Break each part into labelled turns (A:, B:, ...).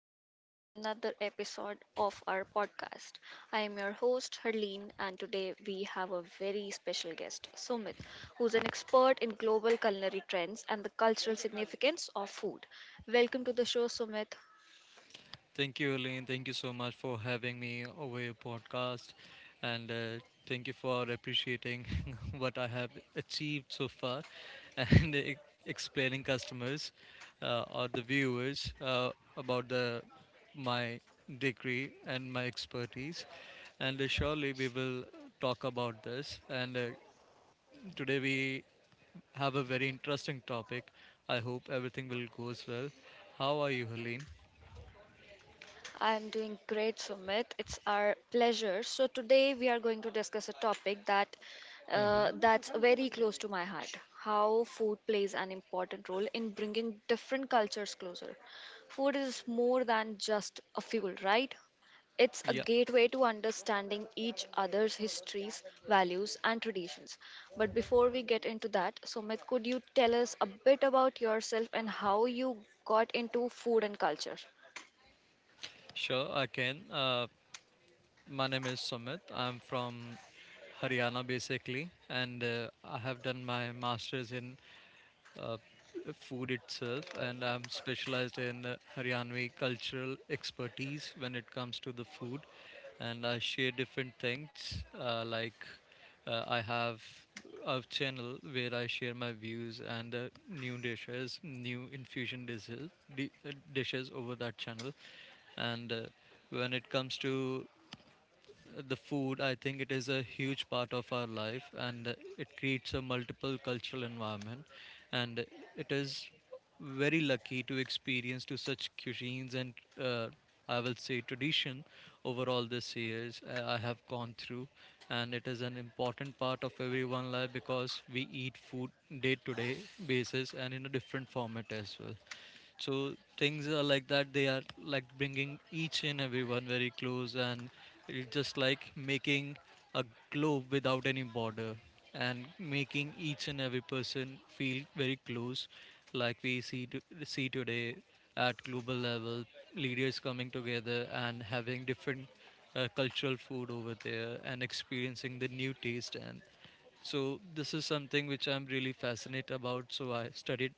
A: Welcome to another episode of our podcast. I am your host, Harleen, and today we have a very special guest, Sumit, who's an expert in global culinary trends and the cultural significance of food. Welcome to the show, Sumit.
B: Thank you, Elaine. Thank you so much for having me over your podcast. And Thank you for appreciating what I have achieved so far and explaining customers or the viewers about the my degree and my expertise. And Surely we will talk about this. And Today we have a very interesting topic. I hope everything will goes well. How are you, Helene?
A: I'm doing great, Sumit. It's our pleasure. So today we are going to discuss a topic that
B: Mm-hmm.
A: that's very close to my heart: how food plays an important role in bringing different cultures closer. Food is more than just a fuel, right? It's a
B: Yeah.
A: gateway to understanding each other's histories, values, and traditions. But before we get into that, Sumit, could you tell us a bit about yourself and how you got into food and culture?
B: Sure, I can. My name is Sumit. I'm from Haryana basically, and I have done my master's in uh, food itself, and I'm specialized in Haryanvi cultural expertise when it comes to the food. And I share different things like I have a channel where I share my views and new dishes, new infusion dishes, dishes over that channel and when it comes to the food, I think it is a huge part of our life, and it creates a multiple cultural environment, and it is very lucky to experience to such cuisines and uh, I will say tradition over all these years. I have gone through, and it is an important part of everyone life because we eat food day to day basis and in a different format as well. So things are like that. They are like bringing each and everyone very close, and it's just like making a globe without any border, and making each and every person feel very close, like we see see today at global level. Leaders coming together and having different cultural food over there and experiencing the new taste. And so this is something which I'm really fascinated about. So I studied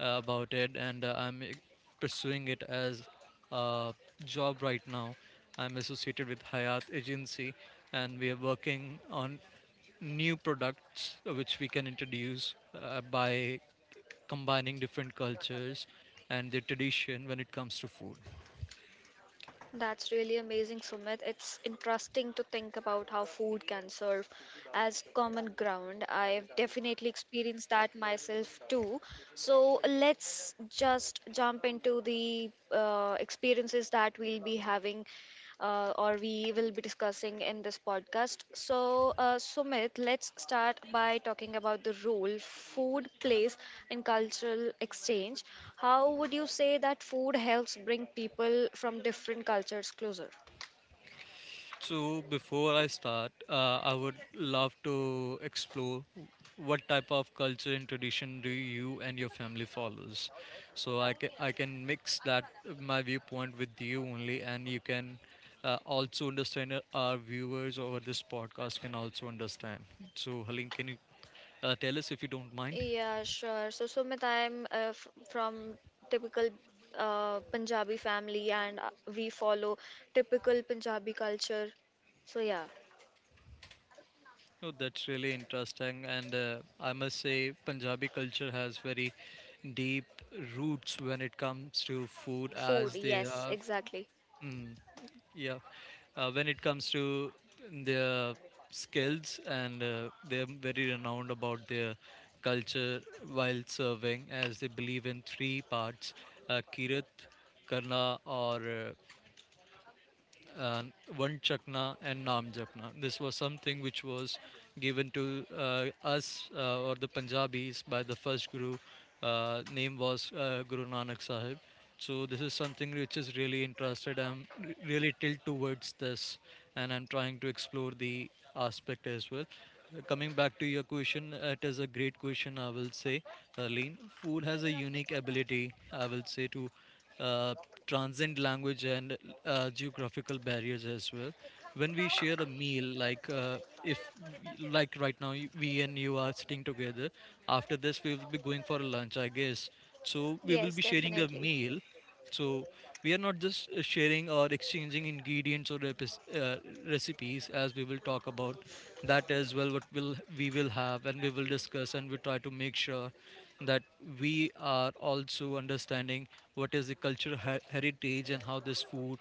B: about it, and pursuing it as a job right now. I'm associated with Hayat Agency, and we are working on new products which we can introduce by combining different cultures and their tradition when it comes to food.
A: That's really amazing, Sumit. It's interesting to think about how food can serve as common ground. I've definitely experienced that myself too. So let's just jump into the experiences that we'll be having or we will be discussing in this podcast. So, Sumit, let's start by talking about the role food plays in cultural exchange. How would you say that food helps bring people from different cultures closer?
B: So before I start, I would love to explore what type of culture and tradition do you and your family follows. So I can mix that my viewpoint with you only, and you can also understand, our viewers over this podcast can also understand. So Halim, can you tell us if you don't mind?
A: Yeah, sure. So, Sumit, I'm from typical Punjabi family, and we follow typical Punjabi culture. So, yeah,
B: Oh, that's really interesting, and I must say, Punjabi culture has very deep roots when it comes to food,
A: food.
B: as they
A: Yes,
B: are,
A: exactly.
B: mm, yeah, when it comes to their skills, and they're very renowned about their culture while serving, as they believe in three parts: kirat, karna, or and one chakna and naam japna. This was something which was given to us or the Punjabis by the first guru, name was Guru Nanak Sahib. So this is something which is really interested. I'm really tilted towards this, and I'm trying to explore the aspect as well. Coming back to your question, it is a great question, I will say, Arlene. Food has a unique ability, I will say, to uh, transcend language and geographical barriers as well. When we share a meal, like if like right now we and you are sitting together, after this we will be going for a lunch, I guess. So we will
A: Yes,
B: be sharing a
A: definitely.
B: meal. So we are not just sharing or exchanging ingredients or recipes, as we will talk about that as well. What will we will have and we will discuss, and we try to make sure that we are also understanding what is the cultural heritage and how this food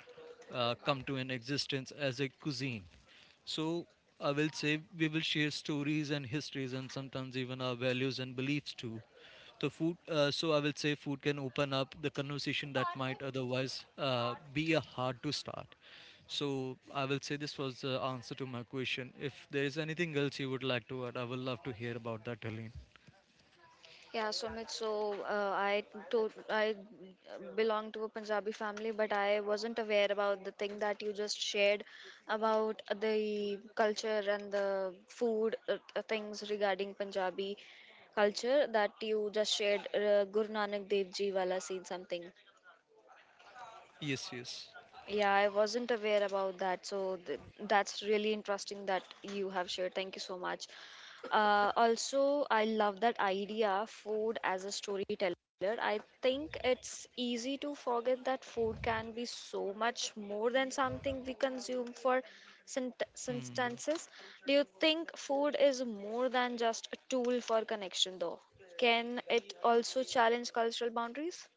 B: come to an existence as a cuisine. So I will say we will share stories and histories and sometimes even our values and beliefs too. So so I will say food can open up the conversation that might otherwise be a hard to start. So I will say this was the answer to my question. If there is anything else you would like to add, I would love to hear about that, Helene.
A: Yeah, Sumit. So I belong to a Punjabi family, but I wasn't aware about the thing that you just shared about the culture and the food things regarding Punjabi culture that you just shared. Guru Nanak Dev Ji wala scene something.
B: Yes, yes.
A: Yeah, I wasn't aware about that. That's really interesting that you have shared. Thank you so much. Also, I love that idea, food as a storyteller. I think it's easy to forget that food can be so much more than something we consume for
B: Hmm.
A: substances. Do you think food is more than just a tool for connection, though? Can it also challenge cultural boundaries?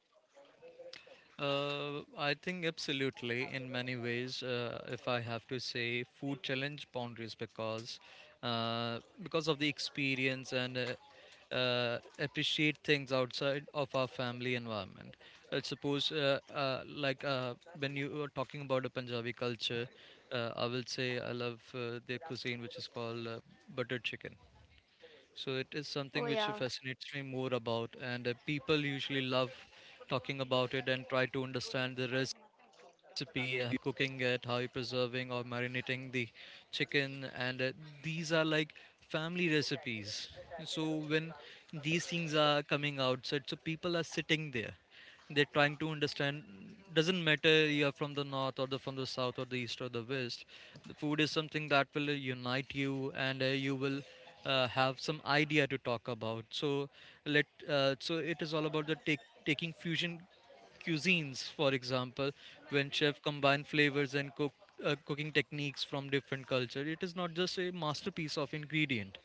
B: I think absolutely. In many ways, if I have to say, food challenge boundaries because because of the experience and appreciate things outside of our family environment. I suppose, like when you were talking about the Punjabi culture, I will say I love their cuisine, which is called butter chicken. So it is
A: Oh,
B: something which
A: yeah.
B: fascinates me more about, and people usually love talking about it and try to understand the risk recipe, cooking it, how you're preserving or marinating the chicken, and these are like family recipes. So when these things are coming outside, so people are sitting there, they're trying to understand. Doesn't matter you are from the north or the from the south or the east or the west. The food is something that will unite you, and you will have some idea to talk about. So let so it is all about the take taking fusion cuisines, for example, when chef combine flavors and cooking techniques from different culture, it is not just a masterpiece of ingredient.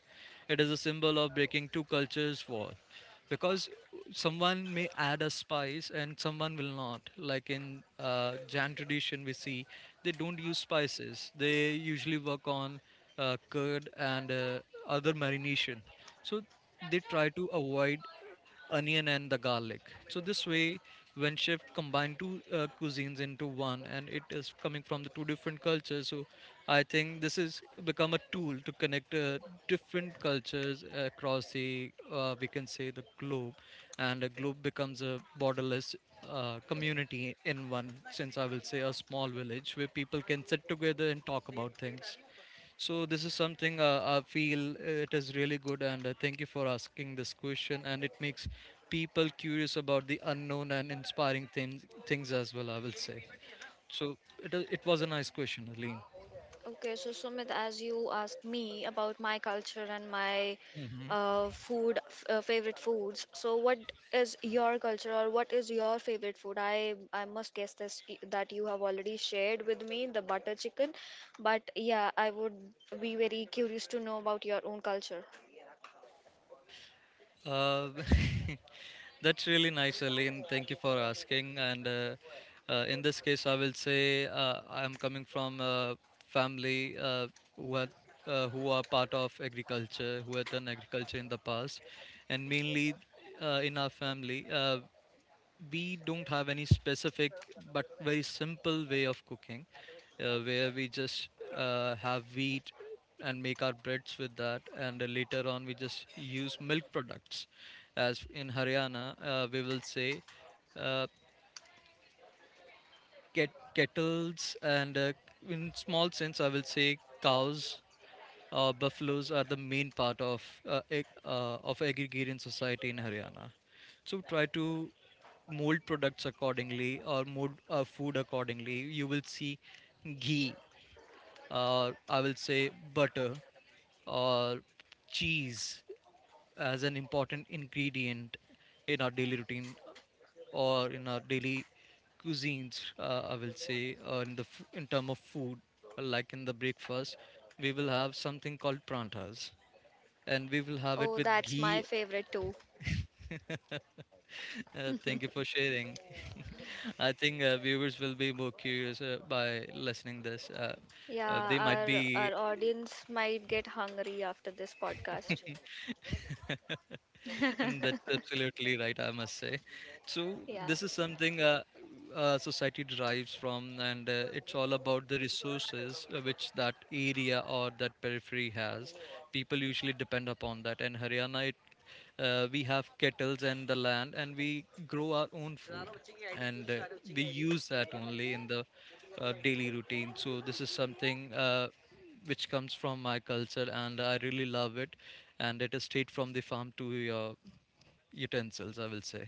B: It is a symbol of breaking two cultures' wall, because someone may add a spice and someone will not. Like in Jan tradition, we see they don't use spices. They usually work on curd and other marination. So they try to avoid onion and the garlic. So this way, when chef combine two cuisines into one, and it is coming from the two different cultures. So I think this is become a tool to connect different cultures across the, we can say, the globe, and a globe becomes a borderless. Community in one sense, I will say, a small village where people can sit together and talk about things. So this is something I feel it is really good, and thank you for asking this question. And it makes people curious about the unknown and inspiring things as well, I will say. So it it was a nice question, Aline.
A: Okay, so Sumit, as you asked me about my culture and my
B: Hmm.
A: food, favorite foods. So, what is your culture, or what is your favorite food? I must guess that you have already shared with me the butter chicken, but yeah, I would be very curious to know about your own culture.
B: Uh, That's really nice, Aline. Thank you for asking. And In this case, I will say, I'm coming from a family who had, who are part of agriculture, who had done agriculture in the past, and mainly in our family. We don't have any specific but very simple way of cooking where we just have wheat and make our breads with that, and later on we just use milk products, as in Haryana, we will say, uh, kettles, and in small sense I will say cows or buffaloes are the main part of of agrarian society in Haryana. So try to mold products accordingly, or mold food accordingly. You will see ghee, or I will say butter, or cheese as an important ingredient in our daily routine or in our daily cuisines, I will say, or in term of food, like in the breakfast we will have something called prantas, and we will have it
A: Oh,
B: with
A: that's my
B: ghee.
A: favorite too.
B: Thank you for sharing. I think viewers will be more curious by listening this. Uh,
A: Yeah,
B: they might
A: our
B: be.
A: our audience might get hungry after this podcast.
B: And that's absolutely right, I must say. So
A: Yeah.
B: this is something society derives from, and it's all about the resources which that area or that periphery has. People usually depend upon that, and Haryana it, we have kettles and the land and we grow our own food, and we use that only in the daily routine. So this is something which comes from my culture, and I really love it. And it is straight from the farm to your utensils, I will say.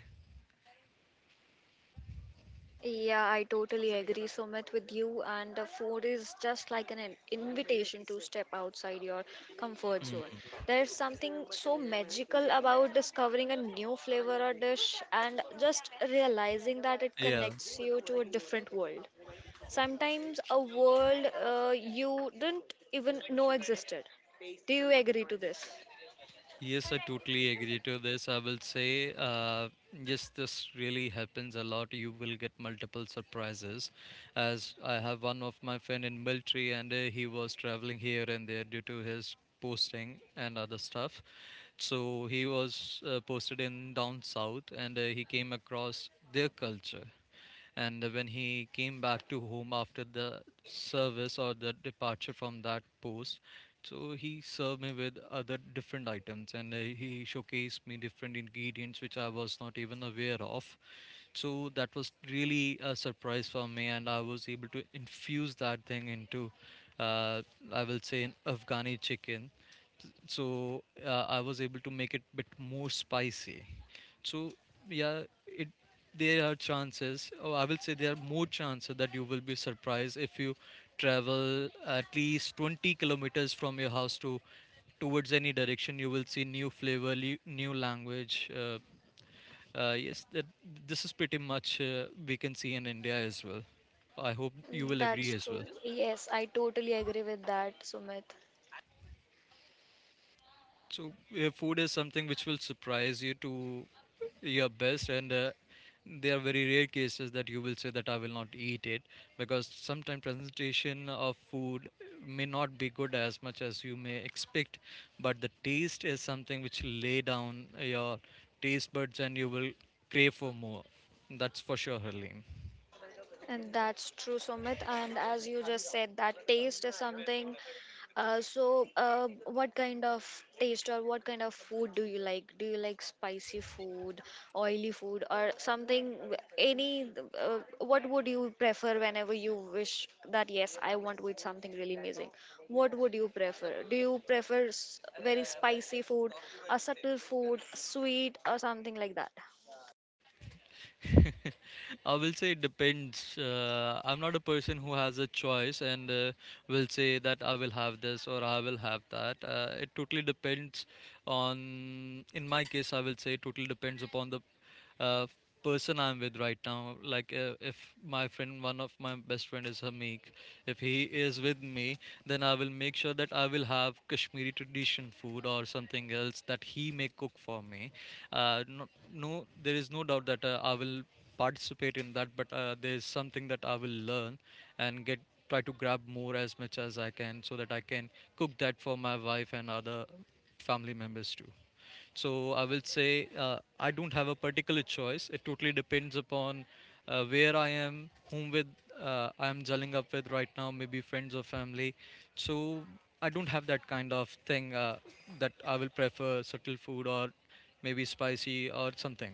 A: Yeah, I totally agree so with you. And the food is just like an invitation to step outside your comfort zone. There's something so magical about discovering a new flavor or dish and just realizing that it
B: Yeah.
A: connects you to a different world. Sometimes a world you didn't even know existed. Do you agree to this?
B: Yes, I totally agree to this. I will say, yes, this really happens a lot. You will get multiple surprises. As I have one of my friend in military, and he was traveling here and there due to his posting and other stuff. So he was posted in down south, and he came across their culture. And when he came back to home after the service or the departure from that post, so he served me with other different items, and he showcased me different ingredients which I was not even aware of. So that was really a surprise for me, and I was able to infuse that thing into, uh, I will say, an Afghani chicken. So I was able to make it bit more spicy. So yeah, it there are chances, or I will say there are more chances, that you will be surprised if you travel at least 20 kilometers from your house to towards any direction. You will see new flavor, new language. uh, yes, this is pretty much we can see in India as well. I hope you
A: Mm,
B: will agree
A: that's
B: as
A: true.
B: well.
A: Yes, I totally agree with that, Sumit.
B: So food is something which will surprise you to your best, and there are very rare cases that you will say that I will not eat it because sometimes presentation of food may not be good as much as you may expect, but the taste is something which lay down your taste buds and you will crave for more. That's for sure, Harleen.
A: And that's true, Sumit. And as you just said, that taste is something. What kind of taste or what kind of food do you like? Do you like spicy food, oily food, or something? Any, what would you prefer whenever you wish that, yes, I want to eat something really amazing? What would you prefer? Do you prefer very spicy food, a subtle food, sweet, or something like that?
B: I will say it depends. I'm not a person who has a choice and will say that I will have this or I will have that. It totally depends on, in my case, I will say it totally depends upon the uh, person I'm with right now. Like if my friend, one of my best friend is Hamik, if he is with me, then I will make sure that I will have Kashmiri tradition food or something else that he may cook for me. No, no, there is no doubt that I will participate in that, but there is something that I will learn and get try to grab more as much as I can so that I can cook that for my wife and other family members too. So I will say I don't have a particular choice. It totally depends upon where I am, whom with I am jelling up with right now, maybe friends or family. So I don't have that kind of thing that I will prefer subtle food or maybe spicy or something.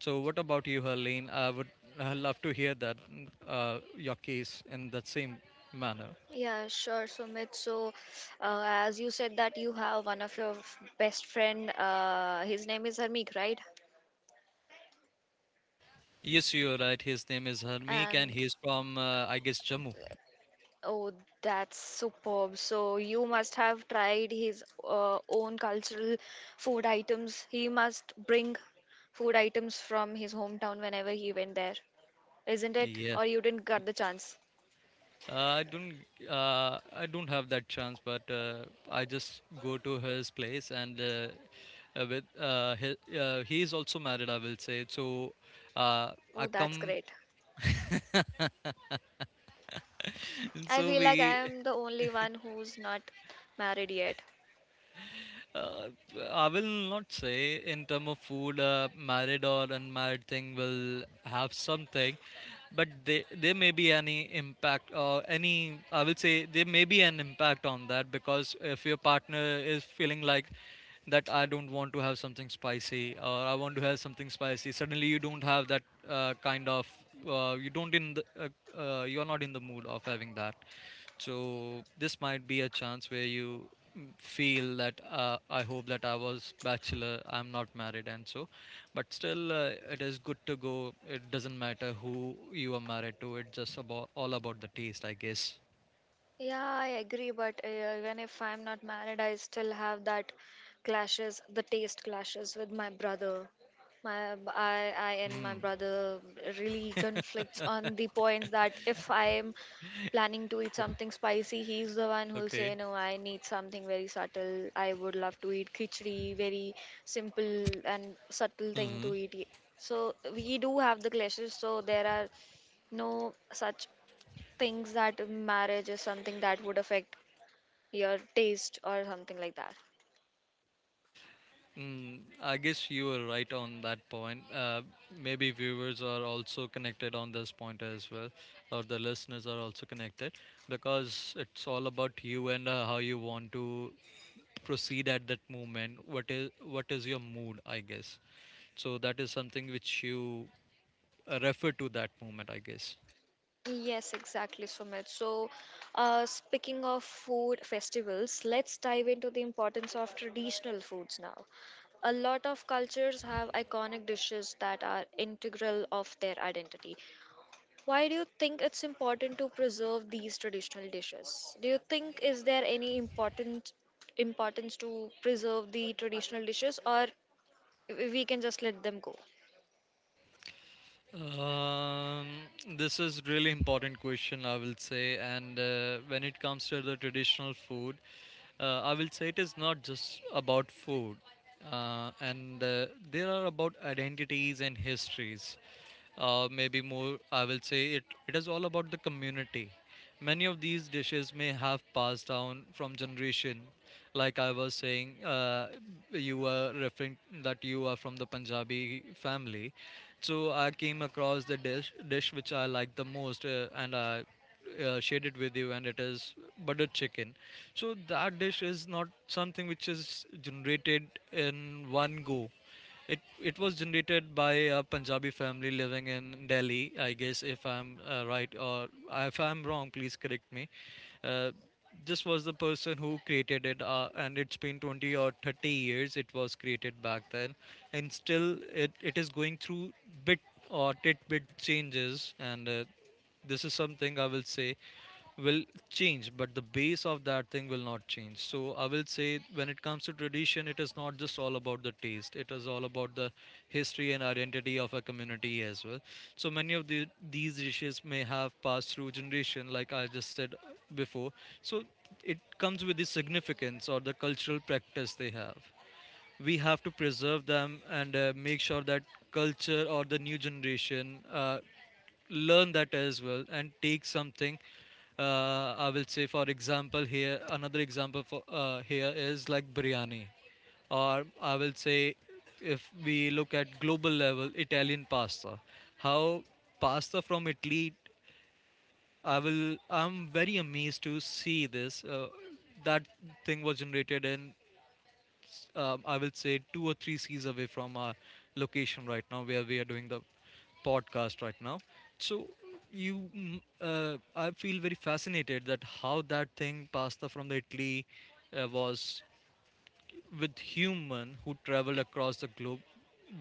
B: So what about you, Harleen? I would love to hear that your case in that same manner.
A: Yeah, sure, Sumit. So, as you said that you have one of your best friend, his name is Harmeek, right?
B: Yes, you're right. His name is Harmeek and
A: And
B: he's from, I guess, Jammu.
A: oh, that's superb. So you must have tried his own cultural food items. He must bring food items from his hometown whenever he went there, isn't it?
B: Yeah.
A: Or you didn't get the chance.
B: Uh, I don't. I don't have that chance, but I just go to his place and with he is also married. I will say so. Uh,
A: Oh,
B: I
A: that's
B: come,
A: great.
B: and
A: I
B: so
A: feel like I
B: we.
A: am the only one who's not married yet.
B: Uh, I will not say in term of food, married or unmarried thing will have something, but there may be any impact or any. I will say there may be an impact on that because if your partner is feeling like that I don't want to have something spicy or I want to have something spicy, suddenly you don't have that kind of. You are not in the mood of having that, so this might be a chance where you feel that I hope that I was bachelor, I'm not married, and so. But still, it is good to go. It doesn't matter who you are married to. It's just about all about the taste, I guess.
A: Yeah, I agree, but even if I'm not married, I still have that clashes, the taste clashes with my brother. I and my
B: Hmm.
A: brother really conflicts on the points that if I'm planning to eat something spicy, he's the one who'll say,
B: Okay.
A: "No, I need something very subtle. I would love to eat khichdi, very simple and subtle thing
B: Mm-hmm.
A: to eat." So we do have the clashes, so there are no such things that marriage is something that would affect your taste or something like that.
B: I guess you were right on that point. Maybe viewers are also connected on this point as well, or the listeners are also connected because it's all about you and how you want to proceed at that moment. What is your mood, I guess. So that is something which you refer to that moment, I guess.
A: Yes, exactly, Sumit. So, speaking of food festivals, let's dive into the importance of traditional foods now. A lot of cultures have iconic dishes that are integral of their identity. Why do you think it's important to preserve these traditional dishes? Do you think is there any important importance to preserve the traditional dishes or we can just let them go?
B: um, this is really important question, I will say, and when it comes to the traditional food, I will say it is not just about food, and there are about identities and histories, maybe more. I will say it is all about the community. Many of these dishes may have passed down from generation, like I was saying, you were referring that you are from the Punjabi family. So I came across the dish which I like the most, and I shared it with you, and it is butter chicken. So that dish is not something which is generated in one go. It was generated by a Punjabi family living in Delhi, I guess. If I'm right or if I'm wrong, please correct me. Uh, this was the person who created it, and it's been 20 or 30 years it was created back then, and still it is going through bit or tidbit changes, and this is something I will say will change, but the base of that thing will not change. So I will say when it comes to tradition, it is not just all about the taste. It is all about the history and identity of a community as well. So many of these dishes may have passed through generation, like I just said before. So it comes with the significance or the cultural practice they have. We have to preserve them and make sure that culture or the new generation learn that as well and take something. I will say, for example, here another example for here is like biryani, or I will say if we look at global level Italian pasta, how pasta from Italy, I'm very amazed to see this, that thing was generated in, I will say, two or three seas away from our location right now, where we are doing the podcast right now. So I feel very fascinated that how that thing pasta from the Italy was with human who traveled across the globe,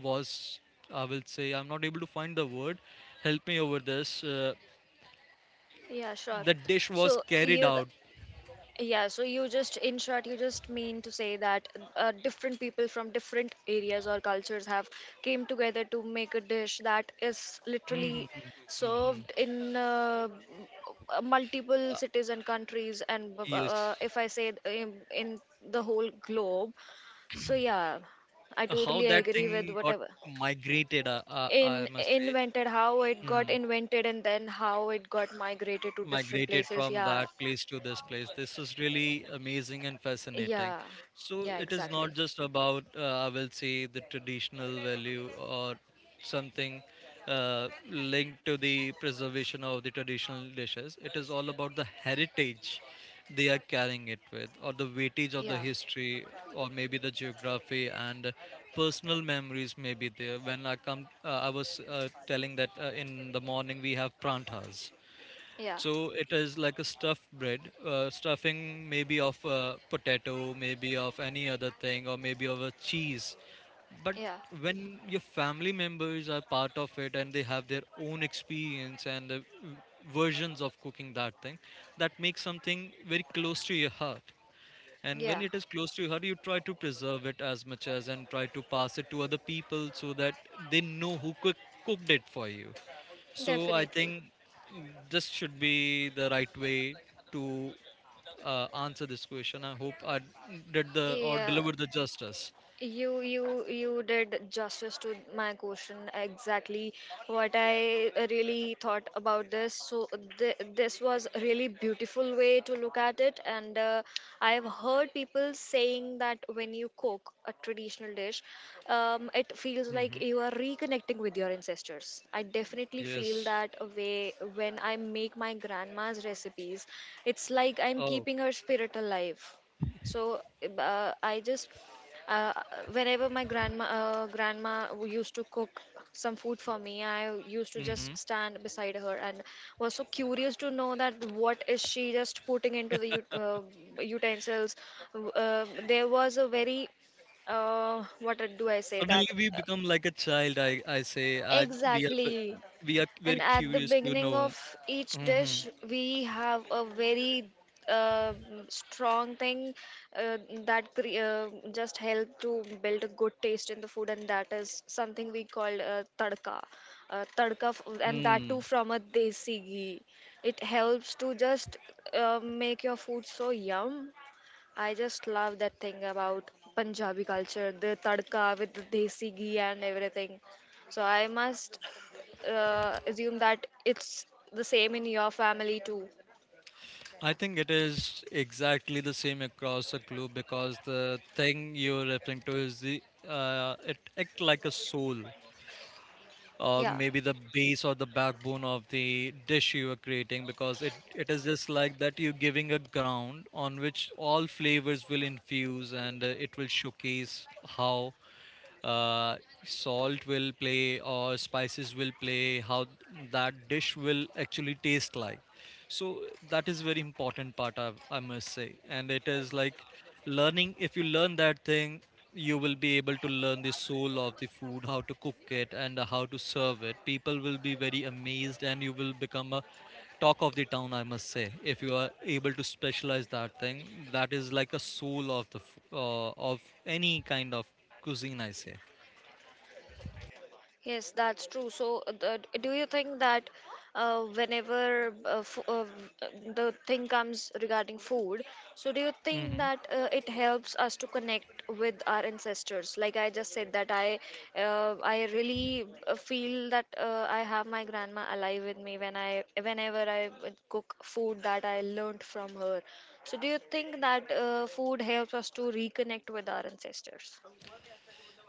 B: was, I will say, I'm not able to find the word. Help me over this.
A: Yeah, sure.
B: The dish was
A: So
B: carried
A: you, th-
B: out.
A: yeah, so you just, in short, you just mean to say that different people from different areas or cultures have came together to make a dish that is literally served in multiple cities and countries, and
B: Yes,
A: if I say in the whole globe. So yeah, I
B: how
A: totally
B: that
A: agree with
B: thing got
A: whatever
B: migrated. I
A: in
B: must say.
A: invented, how it got
B: Mm-hmm.
A: invented and then how it got migrated to different
B: Migrated
A: places.
B: from
A: Yeah,
B: that place to this place. This is really amazing and fascinating.
A: yeah,
B: So
A: yeah,
B: it is not
A: exactly.
B: just about, I will say, the traditional value or something linked to the preservation of the traditional dishes. It is all about the heritage they are carrying it with, or the weightage of the
A: Yeah,
B: history, or maybe the geography and personal memories may be there. When I come, I was telling that in the morning we have pranthas,
A: yeah,
B: so it is like a stuffed bread, stuffing maybe of a potato, maybe of any other thing, or maybe of a cheese. But
A: yeah,
B: when your family members are part of it and they have their own experience and the versions of cooking that thing, that makes something very close to your heart. And when
A: yeah,
B: it is close to your heart, you try to preserve it as much as and try to pass it to other people so that they know who cooked it for you. So I
A: definitely.
B: think this should be the right way to answer this question. I hope I did the or
A: Yeah,
B: delivered the justice.
A: you did justice to my question exactly what I really thought about this. This was a really beautiful way to look at it, and I've heard people saying that when you cook a traditional dish, it feels like
B: Hmm.
A: you are reconnecting with your ancestors. I definitely feel
B: Yes.
A: that way when I make my grandma's recipes. It's like I'm
B: Oh.
A: keeping her spirit alive, so I just uh, whenever my grandma used to cook some food for me, I used to
B: Hmm.
A: just stand beside her and was so curious to know that what is she just putting into the utensils. There was a very what do I say
B: Suddenly
A: that
B: we become like a child. I say I we are b-
A: exactly,
B: we are very
A: and at the
B: curious to
A: beginning
B: know.
A: of each
B: Hmm.
A: dish, we have a very uh, strong thing uh, that just help to build a good taste in the food, and that is something we call tadka. Tadka, and that
B: Hmm.
A: too from a desi ghee. It helps to just make your food so yum. I just love that thing about Punjabi culture, the tadka with the desi ghee and everything. So I must assume that it's the same in your family too.
B: I think it is exactly the same across the globe because the thing you're referring to is the it act like a soul,
A: Yeah.
B: maybe the base or the backbone of the dish you are creating because it is just like that you're giving a ground on which all flavors will infuse, and it will showcase how uh, salt will play or spices will play how that dish will actually taste like. So that is very important part, I must say. And it is like learning. If you learn that thing, you will be able to learn the soul of the food, how to cook it and how to serve it. People will be very amazed and you will become a talk of the town, I must say. If you are able to specialize that thing, that is like a soul of the of any kind of cuisine, I say.
A: Yes, that's true. So, do you think that whenever f the thing comes regarding food, so do you think that it helps us to connect with our ancestors? Like I just said that I really feel that I have my grandma alive with me whenever I would cook food that I learned from her. So, do you think that food helps us to reconnect with our ancestors?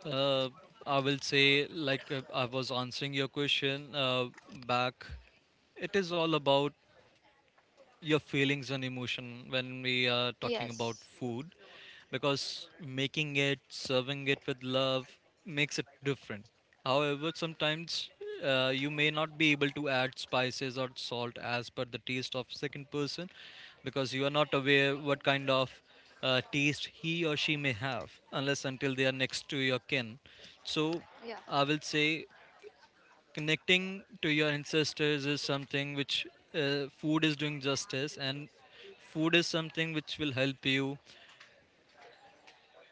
B: Uh, I will say, like I was answering your question back. It is all about your feelings and emotion when we are talking about
A: Yes.
B: food, because making it, serving it with love makes it different. However, sometimes you may not be able to add spices or salt as per the taste of second person, because you are not aware what kind of taste he or she may have unless until they are next to your kin. So
A: Yeah.
B: I will say connecting to your ancestors is something which, food is doing justice, and food is something which will help you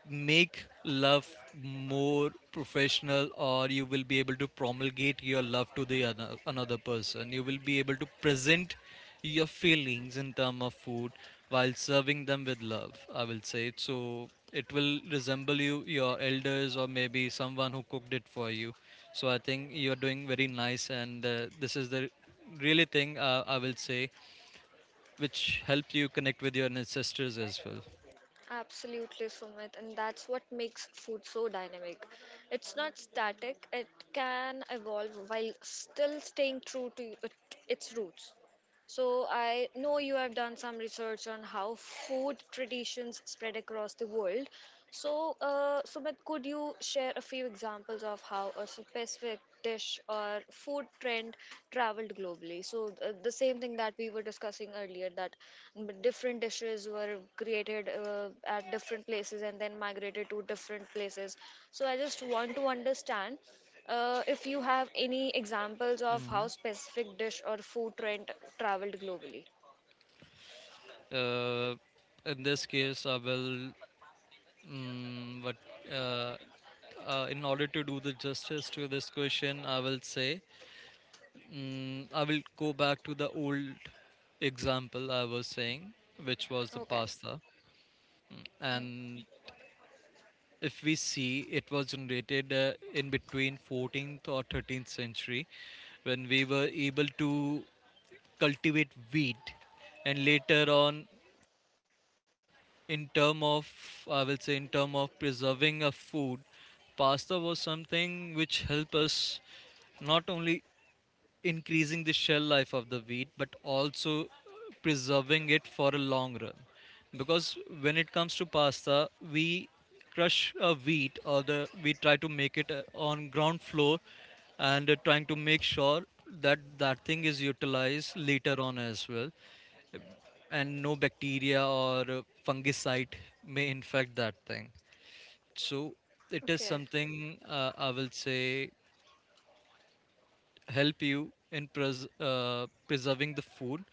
B: make love more professional, or you will be able to promulgate your love to the other, another person. You will be able to present your feelings in term of food while serving them with love, I will say. So it will resemble you your elders or maybe someone who cooked it for you. So I think you are doing very nice, and this is the really thing, I will say, which helps you connect with your ancestors as well.
A: Absolutely, Sumit, and that's what makes food so dynamic. It's not static, it can evolve while still staying true to its roots. So I know you have done some research on how food traditions spread across the world. So, Sumit, could you share a few examples of how a specific dish or food trend traveled globally? So, the same thing that we were discussing earlier, that different dishes were created at different places and then migrated to different places. So, I just want to understand. If you have any examples of how
B: Hmm.
A: specific dish or food trend traveled globally.
B: Uh, in this case, I will. Mm, but uh, in order to do the justice to this question, I will say, mm, I will go back to the old example I was saying, which was the
A: Okay.
B: pasta.
A: Hmm.
B: And if we see, it was generated in between 14th or 13th century, when we were able to cultivate wheat, and later on in term of, I will say, in term of preserving a food, pasta was something which helped us not only increasing the shell life of the wheat but also preserving it for a long run. Because when it comes to pasta, we crush a wheat, or the we try to make it on ground floor, and trying to make sure that that thing is utilized later on as well, and no bacteria or fungicide may infect that thing. So it is
A: Okay.
B: something, I will say, help you in preserving the food,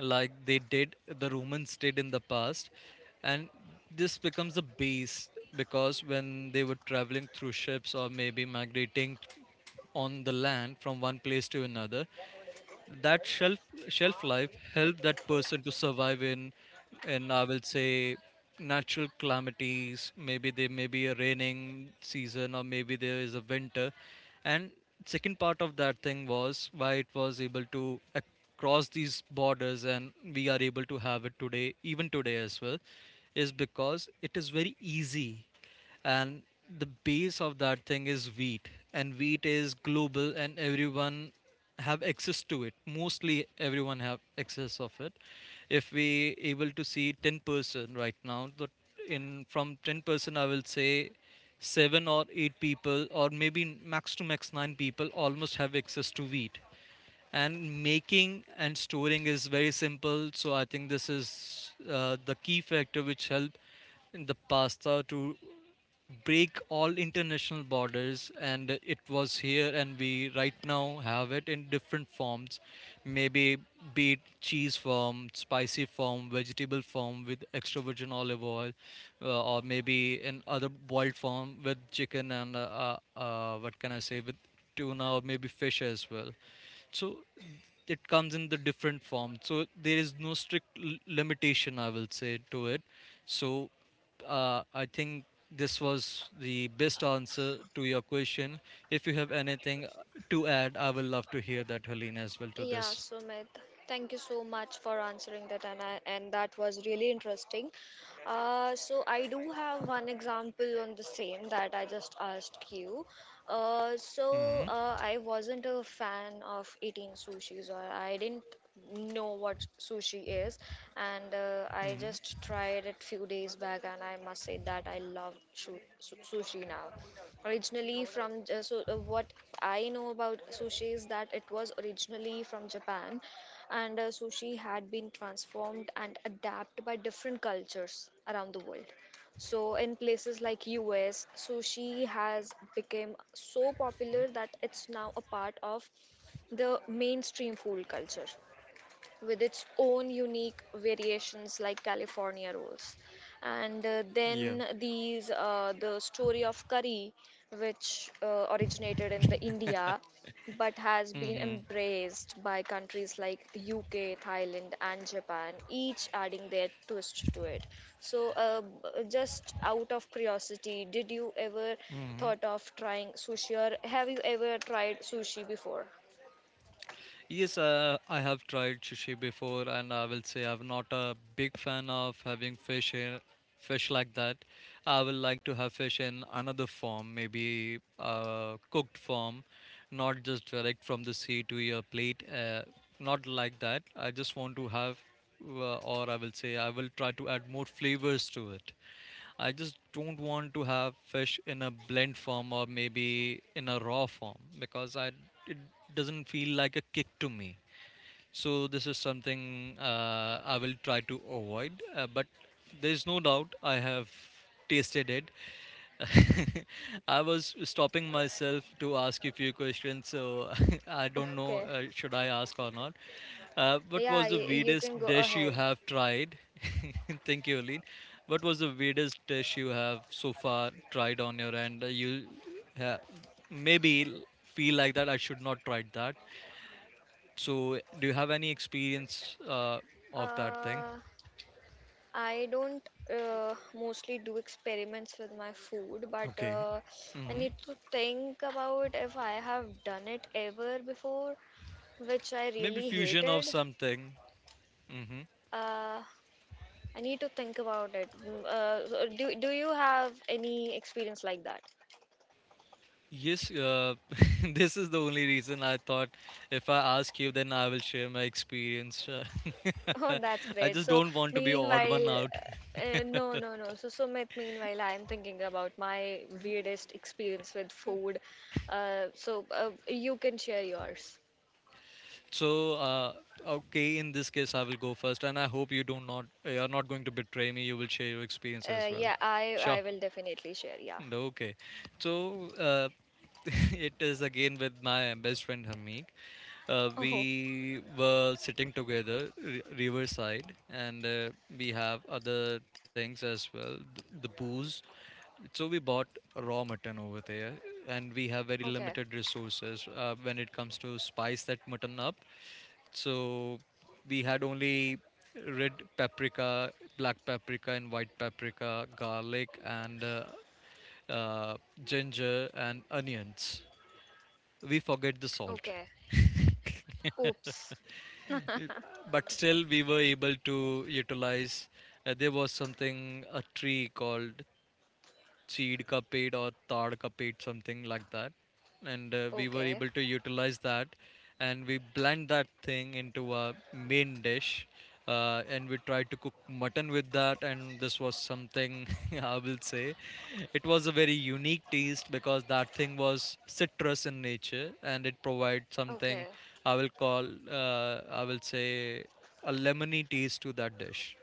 B: like they did, the Romans did in the past. And this becomes a base, because when they were traveling through ships or maybe migrating on the land from one place to another, that shelf life helped that person to survive in, I will say, natural calamities. Maybe there may be a raining season or maybe there is a winter. And second part of that thing was why it was able to cross these borders and we are able to have it today, even today as well, is because it is very easy. And the base of that thing is wheat, and wheat is global, and everyone have access to it, mostly everyone have access of it. If we able to see 10% right now, that in, from 10%, I will say, 7 or 8 people, or maybe max to max 9 people, almost have access to wheat. And making and storing is very simple, so I think this is the key factor which help in the pasta to break all international borders, and it was here and we right now have it in different forms. Maybe, be it cheese form, spicy form, vegetable form with extra virgin olive oil, or maybe in other boiled form with chicken, and what can I say, with tuna or maybe fish as well. So it comes in the different form, so there is no strict limitation, I will say, to it. So I think this was the best answer to your question. If you have anything to add, I will love to hear that, Helene, as well, to this.
A: Yeah, Sumit, thank you so much for answering that, and that was really interesting. So I do have one example on the same that I just asked you.
B: Mm-hmm.
A: I wasn't a fan of eating sushis, or I didn't know what sushi is, and I
B: Mm-hmm.
A: just tried it few days back, and I must say that I love sushi now. Originally from what I know about sushi is that it was originally from Japan, and sushi had been transformed and adapted by different cultures around the world. So in places like US, sushi has become so popular that it's now a part of the mainstream food culture with its own unique variations like California rolls. And
B: Yeah.
A: then these the story of curry, which originated in the India, but has been
B: Mm-hmm.
A: embraced by countries like UK, Thailand, and Japan, each adding their twist to it. So, just out of curiosity, did you ever thought of trying sushi, or have you ever tried sushi before?
B: Yes, I have tried sushi before, and I will say I'm not a big fan of having fish in, fish like that. I will like to have fish in another form, maybe cooked form, not just direct from the sea to your plate. Not like that. I just want to have, or I will say, I will try to add more flavors to it. I just don't want to have fish in a blend form or maybe in a raw form, because I, it doesn't feel like a kick to me. So this is something, I will try to avoid. But there's no doubt I have tasted it. I was stopping myself to ask you few questions, so I don't know,
A: Okay.
B: should I ask or not. What
A: Yeah,
B: was the
A: you
B: weirdest
A: can go
B: dish you
A: ahead.
B: have tried? Thank you, Aline. What was the weirdest dish you have so far tried on your end? You ha- maybe feel like that I should not try that. So, do you have any experience, of that thing?
A: Uh, I don't mostly do experiments with my food, but
B: Okay.
A: I
B: Hmm.
A: need to think about if I have done it ever before, which I
B: Maybe
A: really
B: fusion of
A: hated.
B: something. Hmm.
A: Uh, I need to think about it. Mm, so do, do you have any experience like that?
B: Yes, this is the only reason I thought, if I ask you, then I will share my experience. Uh,
A: Oh, that's
B: I
A: great.
B: just
A: So,
B: don't want to be odd
A: meanwhile,
B: one out.
A: no, no, no. So, Sumit, meanwhile, I'm thinking about my weirdest experience with food. You can share yours.
B: So, uh, okay, in this case, I will go first, and I hope you do not, you are not going to betray me. You will share your experience as well.
A: Yeah, I
B: Sure.
A: I will definitely share. Yeah.
B: No, okay. So it is again with my best friend Hamik.
A: Oh,
B: We were sitting together, ri Riverside, and we have other things as well, the booze. So we bought raw mutton over there, and we have very
A: okay.
B: limited resources when it comes to spice that mutton up. So we had only red paprika, black paprika, and white paprika, garlic, and uh, ginger and onions. We forget the salt,
A: Okay. Oops.
B: but still we were able to utilize. There was something, a tree called cheed ka pet or taad ka pet, something like that. And we were
A: okay.
B: able to utilize that, and we blend that thing into a main dish. And we tried to cook mutton with that, and this was something, I will say, it was a very unique taste, because that thing was citrus in nature and it provides something,
A: Okay.
B: I will call, I will say, a lemony taste to that dish.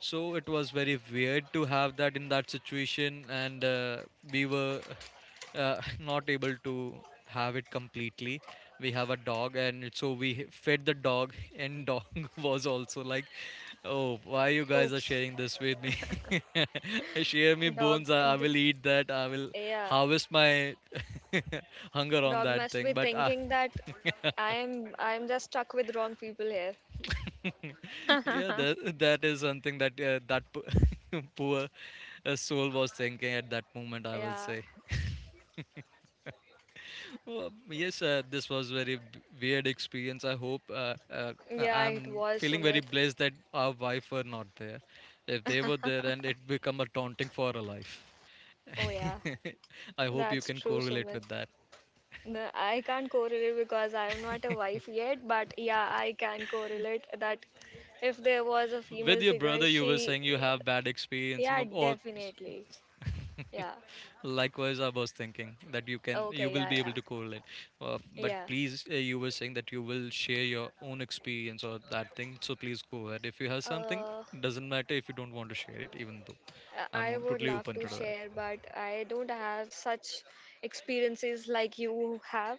B: So it was very weird to have that in that situation, and we were not able to have it completely. We have a dog, and so we fed the dog, and dog was also like, "Oh, why you guys are
A: Oops.
B: sharing this with me? Share me
A: Dog.
B: bones. I
A: And
B: will eat that. I will
A: yeah.
B: harvest my hunger on
A: Dog
B: that
A: must be
B: thing." But
A: thinking that I'm just stuck with wrong people here.
B: yeah, that is something that, that poor soul was thinking at that moment. I will
A: Yeah.
B: say, well, yes, this was very weird experience. I hope,
A: Yeah, it
B: I'm
A: was
B: feeling very
A: Sumit.
B: blessed that our wife were not there. If they were there, and it become a taunting for a life.
A: Oh yeah,
B: I hope you
A: that's
B: can
A: true,
B: correlate
A: Sumit.
B: with that.
A: No, I can't correlate because I am not a wife yet, but yeah, I can correlate that if there was a
B: With
A: female
B: your brother,
A: figure,
B: you were
A: she...
B: saying you have bad experiencing,
A: Yeah,
B: or,
A: definitely. Yeah.
B: likewise, I was thinking that you can, you
A: Okay,
B: will
A: yeah,
B: be able
A: yeah.
B: to correlate. But
A: Yeah.
B: please, you were saying that you will share your own experience or that thing. So please go ahead. If you have something,
A: Uh,
B: doesn't matter if you don't want to share it. Even though, I'm
A: I would
B: totally
A: love
B: open
A: to
B: to that.
A: share, but I don't have such experiences like you have.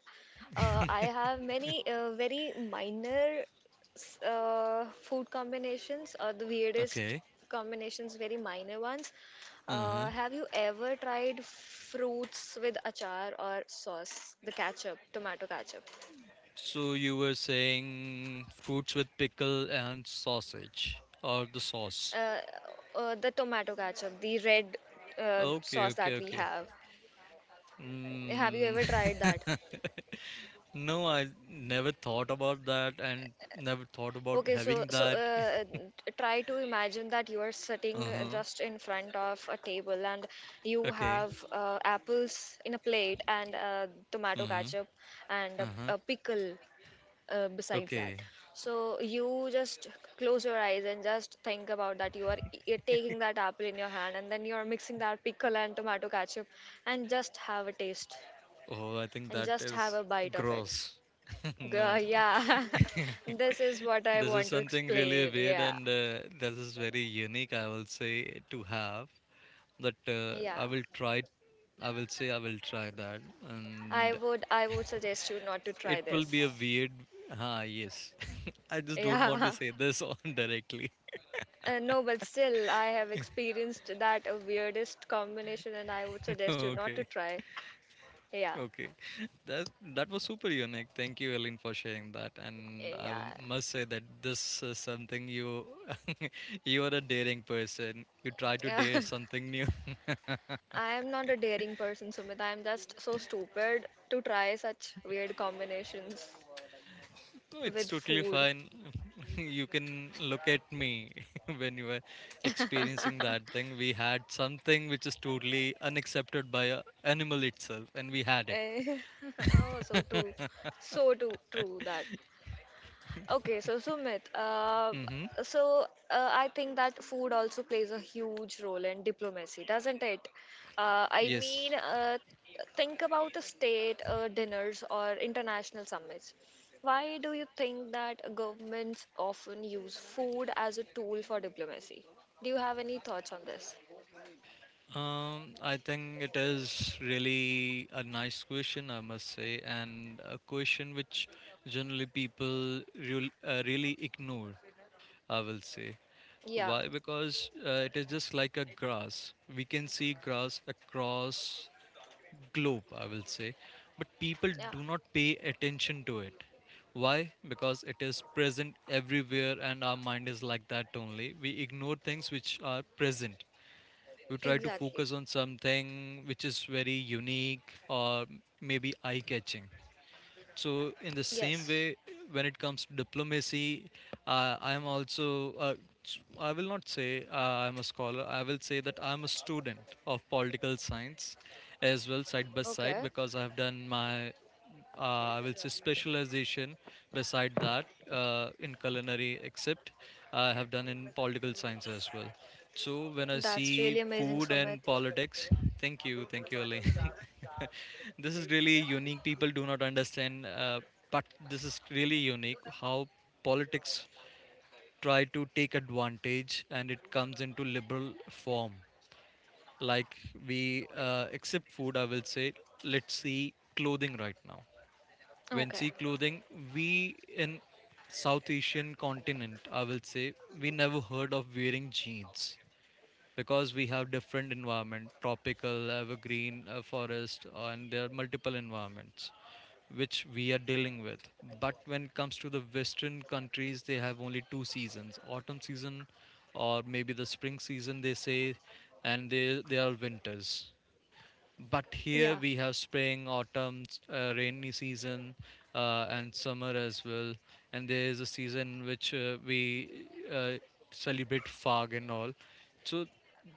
A: I have many very minor food combinations or the weirdest
B: Okay.
A: combinations, very minor ones.
B: Mm-hmm.
A: Have you ever tried fruits with achar or sauce, the ketchup, tomato ketchup?
B: So you were saying fruits with pickle and sausage or the sauce.
A: uh, the tomato ketchup, the red
B: Okay,
A: sauce
B: okay,
A: that we
B: okay.
A: have. Have you
B: Mm.
A: ever tried that?
B: No, I never thought about that and never thought about
A: Okay, so
B: having
A: so
B: that.
A: uh, try to imagine that you are sitting
B: Uh-huh.
A: just in front of a table and you
B: Okay.
A: have apples in a plate and tomato
B: Mm-hmm.
A: ketchup and
B: Uh-huh.
A: a pickle besides that,
B: Okay.
A: so you just close your eyes and just think about that you taking that apple in your hand and then you're mixing that pickle and tomato ketchup and just have a taste
B: Oh, I think
A: and
B: that
A: just have
B: is
A: a bite of it.
B: gross.
A: Girl,
B: No,
A: yeah. This is what I
B: this is
A: want to
B: something really
A: explain.
B: weird,
A: Yeah,
B: and this is very unique, I will say, to have. But I
A: yeah.
B: will try, I will say I will try that.
A: i
B: And
A: would i would suggest you not to try
B: it will
A: this.
B: be a weird, ah, yes. I just don't want to
A: Yeah.
B: say this on directly.
A: No, but still I have experienced that weirdest combination and I would suggest you not
B: Okay.
A: to try. Yeah.
B: Okay, that that was super unique. Thank you, Ellen, for sharing that. And I
A: Yeah.
B: must say that this is something you, you are a daring person. You try to
A: Yeah,
B: dare something new.
A: I am not a daring person, Sumit. I am just so stupid to try such weird combinations
B: No, it's
A: with
B: totally
A: food.
B: fine. You can look at me when you were experiencing that thing. We had something which is totally unaccepted by a animal itself, and we had it.
A: Eh, oh, so true. So too true that. Okay, so Sumit,
B: Mm-hmm.
A: I think that food also plays a huge role in diplomacy, doesn't it? I
B: Yes.
A: mean, think about the state dinners or international summits. Why do you think that governments often use food as a tool for diplomacy? Do you have any thoughts on this?
B: I think it is really a nice question, I must say, and a question which generally people real, really ignore, I will say.
A: Yeah,
B: Why? Because it is just like a grass. We can see grass across globe, I will say, but people
A: yeah,
B: do not pay attention to it. Why? Because it is present everywhere, and our mind is like that only. We ignore things which are present, we try to
A: exactly.
B: focus on something which is very unique or maybe eye catching. So, in the same
A: Yes.
B: way, when it comes to diplomacy, I am also, I will not say I'm a scholar, I will say that I'm a student of political science as well, side by side,
A: Okay,
B: because I have done my I will say specialization beside that in culinary, except I have done in political science as well. So when I
A: that's really
B: see
A: amazing,
B: food
A: Sumit.
B: and politics, thank you, Elaine. This is really unique. People do not understand, but this is really unique how politics try to take advantage and it comes into liberal form. Like we accept food, I will say, let's see clothing right now. When
A: Okay.
B: see clothing, we in South Asian continent, I will say, we never heard of wearing jeans because we have different environment tropical evergreen forest and there are multiple environments which we are dealing with. But when it comes to the western countries they have only two seasons, autumn season or maybe the spring season they say, and they are winters. But here
A: Yeah,
B: we have spring, autumn, rainy season, and summer as well. And there is a season which we uh, celebrate fog and all. So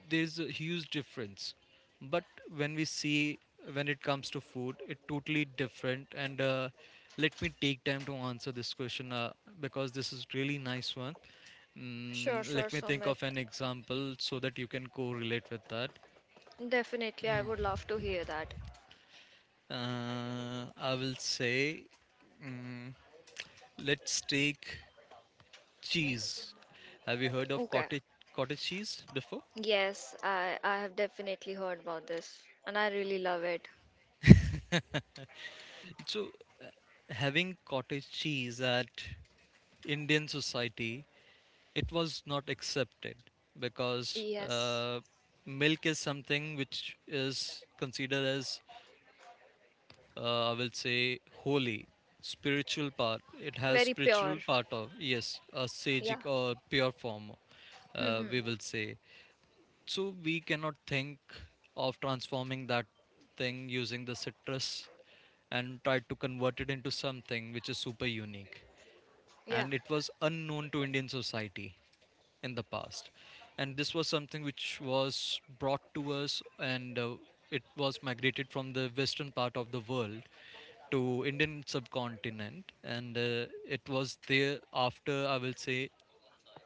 B: there's a huge difference. But when we see when it comes to food, it totally different. And let me take time to answer this question because this is really nice one.
A: sure, sure,
B: Let me think
A: Sumit.
B: of an example so that you can correlate with that.
A: Definitely, I would love to hear that.
B: I will say, mm, let's take cheese. Have you heard of
A: Okay.
B: cottage cheese before?
A: Yes, I have definitely heard about this and I really love it.
B: So having cottage cheese at Indian society, it was not accepted because
A: Yes.
B: milk is something which is considered as I will say holy, spiritual part. It has
A: Very pure.
B: spiritual part of, yes, a
A: Yeah.
B: sagic or pure form,
A: Mm-hmm.
B: we will say. So we cannot think of transforming that thing using the citrus and try to convert it into something which is super unique.
A: Yeah.
B: And it was unknown to Indian society in the past. And this was something which was brought to us, and it was migrated from the western part of the world to Indian subcontinent, and it was there after, I will say,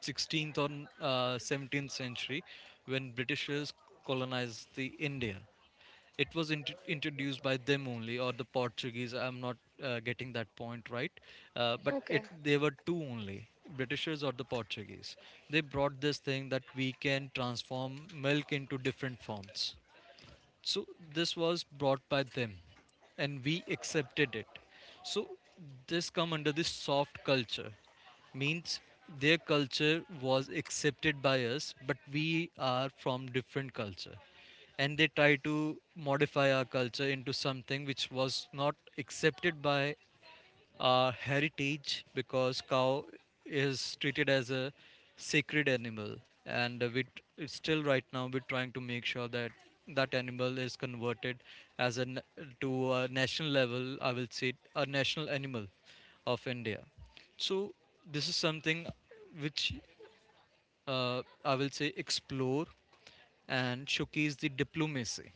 B: 16th or 17th century when Britishers colonized the India. It was introduced by them only, or the Portuguese. I'm not getting that point right, but
A: Okay.
B: it they were two only. Britishers or the Portuguese. They brought this thing that we can transform milk into different forms, so this was brought by them and we accepted it. So this come under this soft culture, means their culture was accepted by us, but we are from different culture, and they try to modify our culture into something which was not accepted by our heritage, because cow is treated as a sacred animal. And it's still right now we're trying to make sure that that animal is converted as a na- to a national level, I will say a national animal of India. So this is something which, I will say, explore and showcase the diplomacy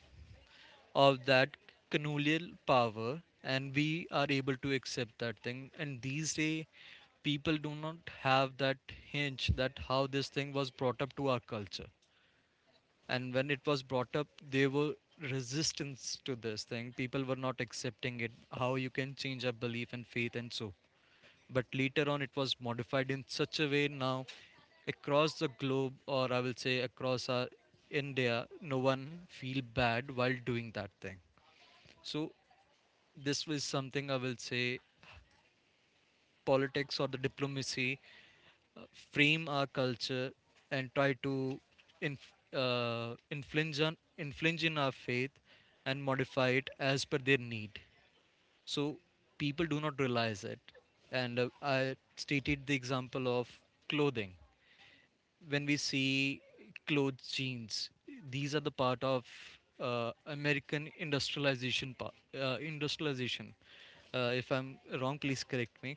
B: of that colonial power, and we are able to accept that thing. And these day people do not have that hinge that how this thing was brought up to our culture, and when it was brought up there were resistance to this thing, people were not accepting it, how you can change our belief and faith and so. But later on it was modified in such a way, now across the globe, or I will say across our India, no one feel bad while doing that thing. So, this was something, I will say, politics or the diplomacy uh, frame our culture and try to infringe in our faith, and modify it as per their need. So, people do not realize it. And I stated the example of clothing. When we see clothes, jeans, these are the part of American industrialization part, industrialization. If I'm wrong please correct me,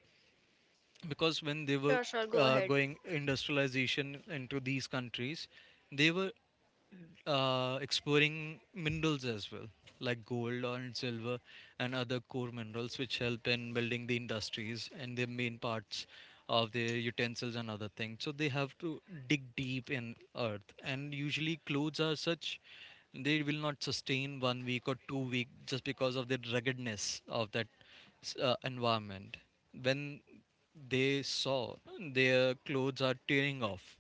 B: because when they were
A: Sure, sure. Go ahead.
B: going industrialization into these countries, they were exploring minerals as well, like gold and silver and other core minerals, which help in building the industries and the main parts of their utensils and other things. So they have to dig deep in earth, and usually clothes are such, they will not sustain 1 week or 2 week just because of the ruggedness of that environment. When they saw their clothes are tearing off,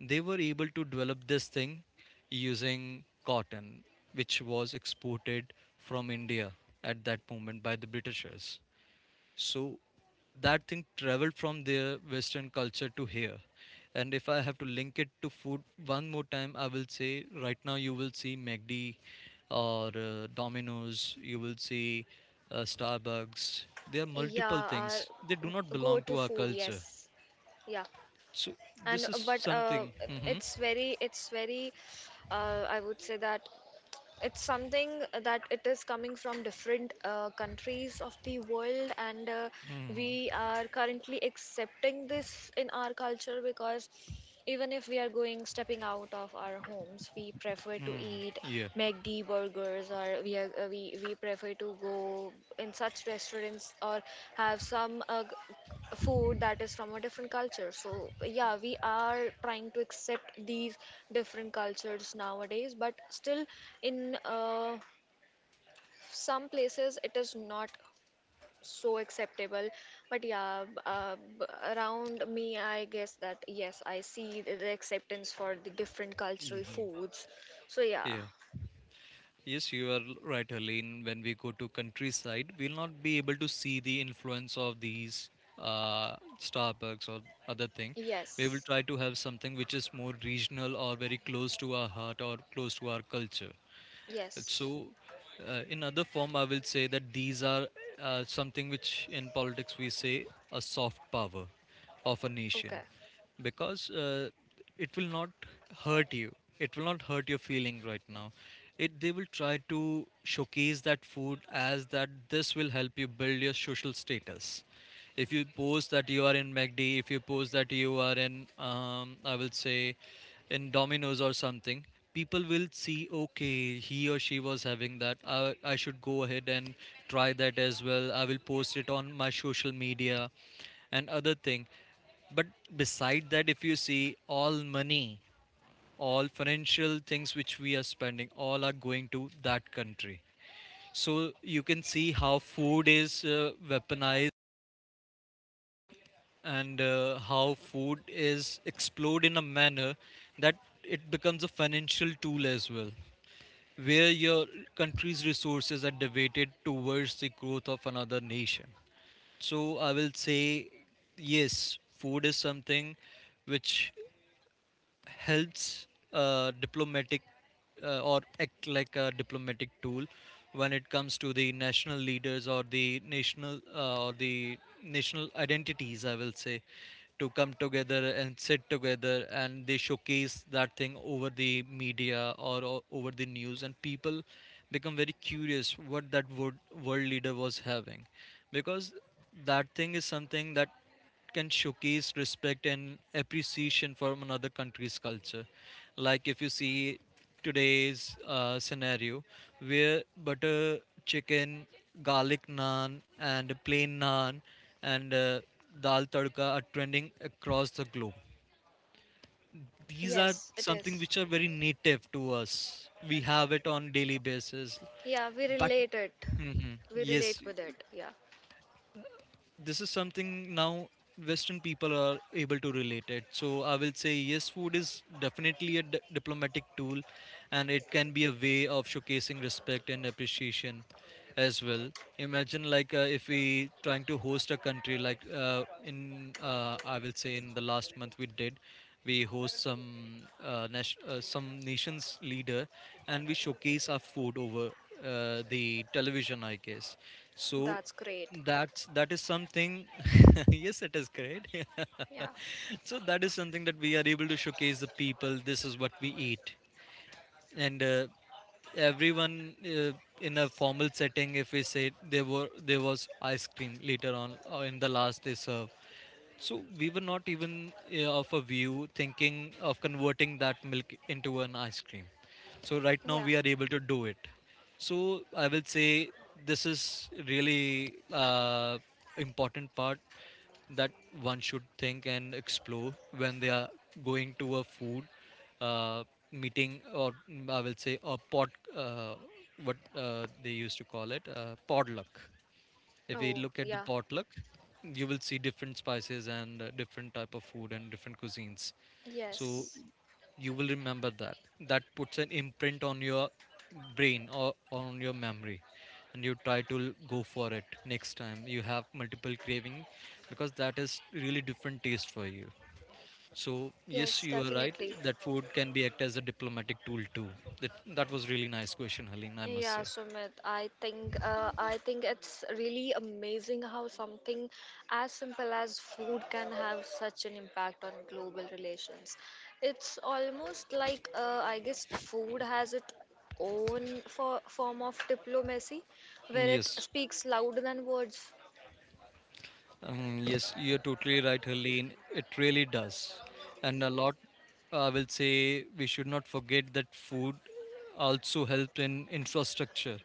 B: they were able to develop this thing using cotton, which was exported from India at that moment by the Britishers. So that thing traveled from their Western culture to here. And if I have to link it to food one more time, I will say right now you will see McD or Domino's, you will see Starbucks. There are
A: Yeah,
B: multiple
A: our
B: things. They do not
A: go
B: belong
A: to
B: to our
A: food.
B: culture.
A: Yes. Yeah.
B: So this
A: And
B: is
A: uh, but uh,
B: something. Hmm.
A: it's very, it's very, I would say that it's something that it is coming from different countries of the world and we are currently accepting this in our culture because even if we are going stepping out of our homes we prefer to
B: Hmm.
A: eat
B: Yeah,
A: mcd burgers or we, are, we prefer to go in such restaurants or have some food that is from a different culture. So yeah, we are trying to accept these different cultures nowadays but still in some places it is not so acceptable. But yeah, around me I guess that yes I see the acceptance for the different cultural foods. So yeah.
B: yeah. Yes, you are right, Helene. When we go to countryside, we'll not be able to see the influence of these Starbucks or other thing. We will
A: Yes.
B: try to have something which is more regional or very close to our heart or close to our culture.
A: Yes.
B: So, in other form, I will say that these are something which in politics we say a soft power of a nation,
A: Okay.
B: because it will not hurt you, it will not hurt your feelings right now. It they will try to showcase that food as that this will help you build your social status. If you post that you are in MACD, if you post that you are in, I will say, in Domino's or something, people will see, okay, he or she was having that. I should go ahead and try that as well. I will post it on my social media and other thing. But beside that, if you see all money, all financial things which we are spending, all are going to that country. So you can see how food is weaponized, and how food is explored in a manner that it becomes a financial tool as well, where your country's resources are debated towards the growth of another nation. So I will say yes, food is something which helps, diplomatic, or act like a diplomatic tool when it comes to the national leaders or the national, or the national identities, I will say, to come together and sit together, and they showcase that thing over the media, or, o over the news, and people become very curious what that world leader was having, because that thing is something that can showcase respect and appreciation for another country's culture. Like if you see today's scenario where butter chicken, garlic naan, and plain naan and dal tadka are trending across the globe. These are
A: Yes it
B: something
A: is.
B: which are very native to us. We have it on daily basis,
A: Yeah, we
B: but.
A: relate it.
B: Mhm.
A: We relate
B: Yes,
A: with it. Yeah.
B: this is something now western people are able to relate it, so I will say yes, food is definitely a diplomatic tool, and it can be a way of showcasing respect and appreciation as well. Imagine, like, if we trying to host a country like, in, I will say in the last month we host some nation's leader, and we showcase our food over the television, I guess. So
A: That's great.
B: that is something. Yes, it is great.
A: Yeah.
B: So that is something that we are able to showcase the people. This is what we eat. And everyone, in a formal setting, if we say, there was ice cream later on, in the last they serve. So we were not even of a view thinking of converting that milk into an ice cream. So right now
A: Yeah.
B: we are able to do it. So I will say this is really important part that one should think and explore when they are going to a food uh, meeting, or I will say a pod uh, what they used to call it potluck. If we
A: Oh,
B: look at the
A: yeah.
B: potluck, you will see different spices and different type of food and different cuisines. So
A: Yes.
B: you will remember that. That puts an imprint on your brain or on your memory, and you try to go for it next time. You have multiple craving because that is really different taste for you. So yes,
A: Yes,
B: you are right
A: definitely.
B: that food can be act as a diplomatic tool too. That was really nice question, Haleen. I must
A: Yeah,
B: say.
A: Sumit, I think it's really amazing how something as simple as food can have such an impact on global relations. It's almost like I guess food has its own form of diplomacy, where it
B: Yes,
A: speaks louder than words.
B: yes, you're totally right, Helene. It really does, and a lot. I will say we should not forget that food also helps in infrastructure,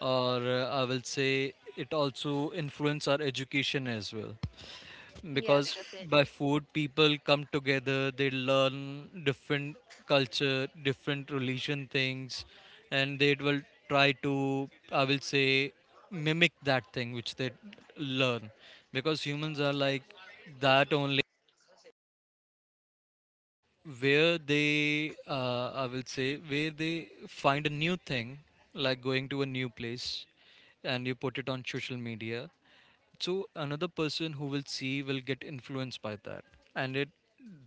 B: or I will say it also influence our education as well.
A: Yes,
B: Because by
A: definitely.
B: food people come together, they learn different culture, different religion things, and they will try to, I will say, mimic that thing which they learn, because humans are like that only, where they I will say where they find a new thing, like going to a new place, and you put it on social media, so another person who will see will get influenced by that, and it,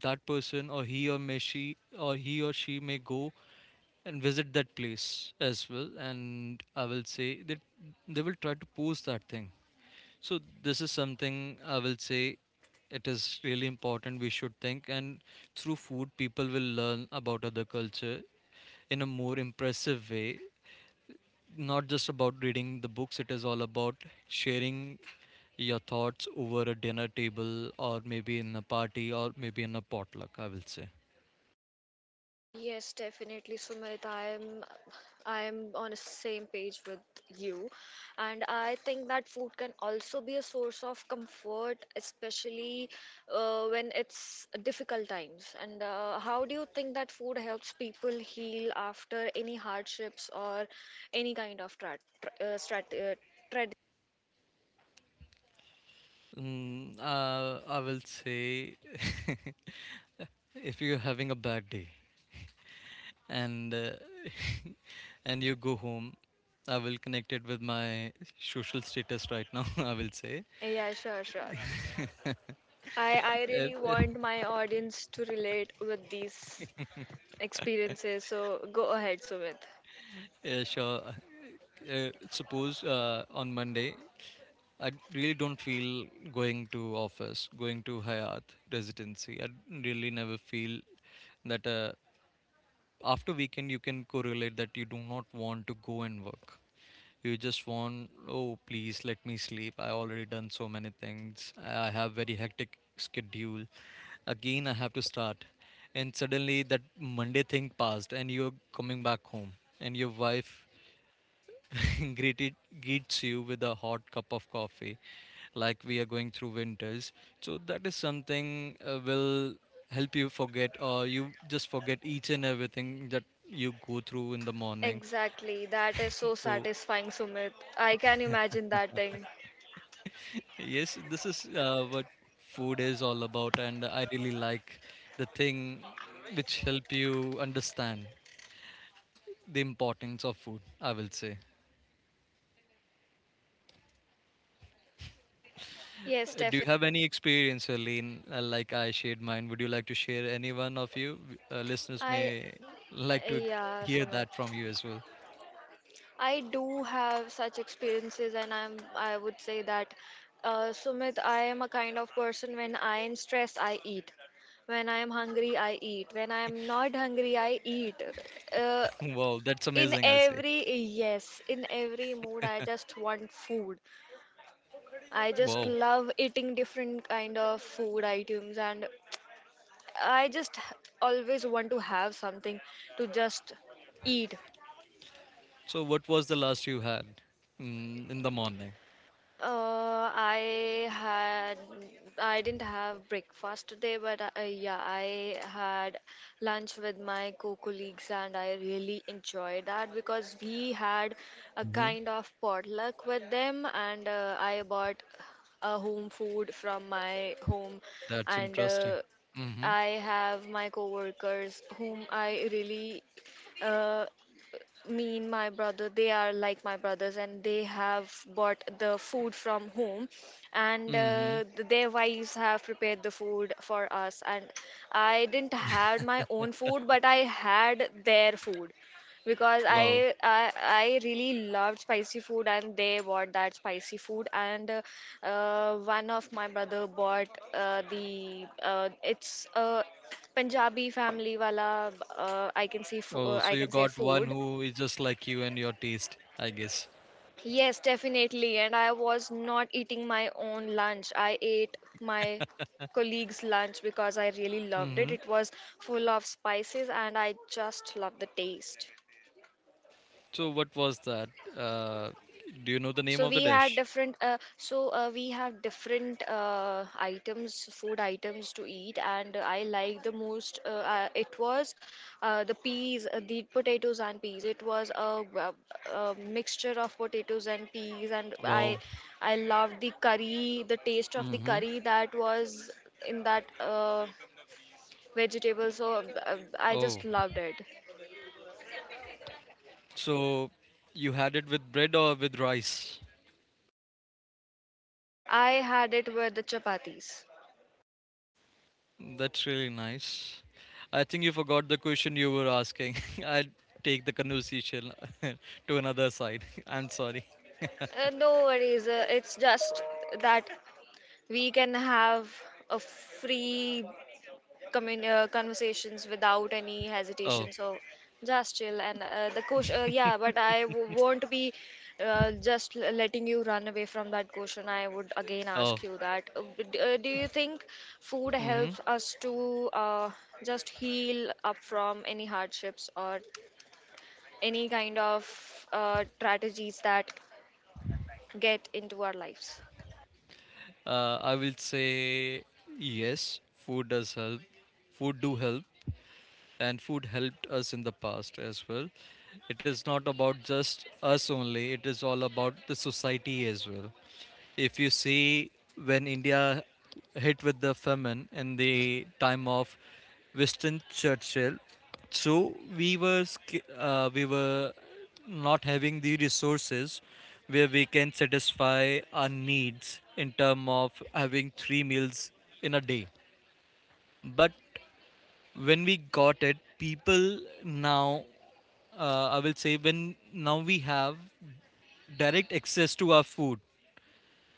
B: that person, or he, or may she, or he or she may go and visit that place as well. And I will say that they will try to post that thing. So this is something, I will say, it is really important, we should think, and through food people will learn about other culture in a more impressive way, not just about reading the books. It is all about sharing your thoughts over a dinner table or maybe in a party or maybe in a potluck, I will say.
A: Yes, definitely, Sumit. I'm on the same page with you. And I think that food can also be a source of comfort, especially when it's difficult times. And how do you think that food helps people heal after any hardships or any kind of tragedy?
B: I will say if you're having a bad day and and you go home, I will connect it with my social status right now. I will say
A: Yeah, sure, sure. I really want my audience to relate with these experiences. So go ahead, Sumit.
B: yeah, sure. Suppose on Monday, I really don't feel going to office, going to Hayat residency. I really never feel that after weekend you can correlate that you do not want to go and work. You just want, oh please let me sleep. I already done so many things. I have very hectic schedule. Again I have to start, and suddenly that Monday thing passed, and you're coming back home, and your wife greeted greets you with a hot cup of coffee, like we are going through winters, so that is something will help you forget, or you just forget each and everything that you go through in the morning.
A: Exactly. That is so
B: So
A: satisfying, Sumit. I can imagine that thing.
B: yes, this is what food is all about, and I really like the thing which help you understand the importance of food, I will say.
A: Yes,
B: Do you
A: definitely.
B: have any experience, Aline, like I shared mine? Would you like to share any one of you? Listeners may
A: I
B: like to
A: yeah,
B: hear
A: Sumit.
B: that from you as well.
A: I do have such experiences and I would say that Sumit, I am a kind of person when I am stressed, I eat. When I am hungry, I eat. When I am not hungry, I eat. Uh,
B: Wow, that's
A: in
B: amazing, I say.
A: every yes, in every mood, I just want food. I just
B: Wow.
A: love eating different kind of food items and I just always want to have something to just eat.
B: So, what was the last you had, mm, in the morning?
A: I had... I didn't have breakfast today, but yeah, I had lunch with my co-colleagues, and I really enjoyed that because we had a
B: Hmm.
A: kind of potluck with them, and I bought a home food from my home,
B: That's
A: and
B: interesting. Mm-hmm.
A: I have my coworkers whom I really uh, me and my brother they are like my brothers and they have bought the food from home and
B: Mm-hmm.
A: their wives have prepared the food for us and I didn't had my own food but I had their food because
B: Wow.
A: I really loved spicy food and they bought that spicy food and one of my brother bought the it's a Punjabi family wala
B: Oh, so
A: I
B: you
A: can say
B: got one
A: food.
B: who is just like you and your taste, I guess.
A: Yes, definitely. And I was not eating my own lunch. I ate my colleague's lunch because I really loved it.
B: Mm-hmm.
A: It was full of spices and I just loved the taste.
B: So, what was that? Uh, do you know the name
A: So
B: of the
A: we had
B: dish?
A: different. We have different items, food items to eat, and I like the most. It was the peas, the potatoes and peas. It was a, uh, a mixture of potatoes and peas, and I
B: Wow.
A: I loved the curry, the taste of the
B: Mm-hmm.
A: curry that was in that vegetable. So I just
B: Oh.
A: loved it.
B: So you had it with bread or with rice?
A: I had it with the chapatis.
B: That's really nice. I think you forgot the question you were asking. I take the conversation to another side. I'm sorry.
A: No worries. It's just that we can have a free conversations without any
B: Oh,
A: hesitation, so just chill. And the question, yeah, but I won't be just letting you run away from that question. I would again
B: oh.
A: ask you that do you think food
B: Mm-hmm.
A: helps us to just heal up from any hardships or any kind of strategies that get into our lives?
B: I will say yes, food does help. Food do help, and food helped us in the past as well. It is not about just us only. It is all about the society as well. If you see, when India hit with the famine in the time of Winston Churchill, so we were we were not having the resources where we can satisfy our needs in term of having three meals in a day. But when we got it, people now, I will say, when now we have direct access to our food,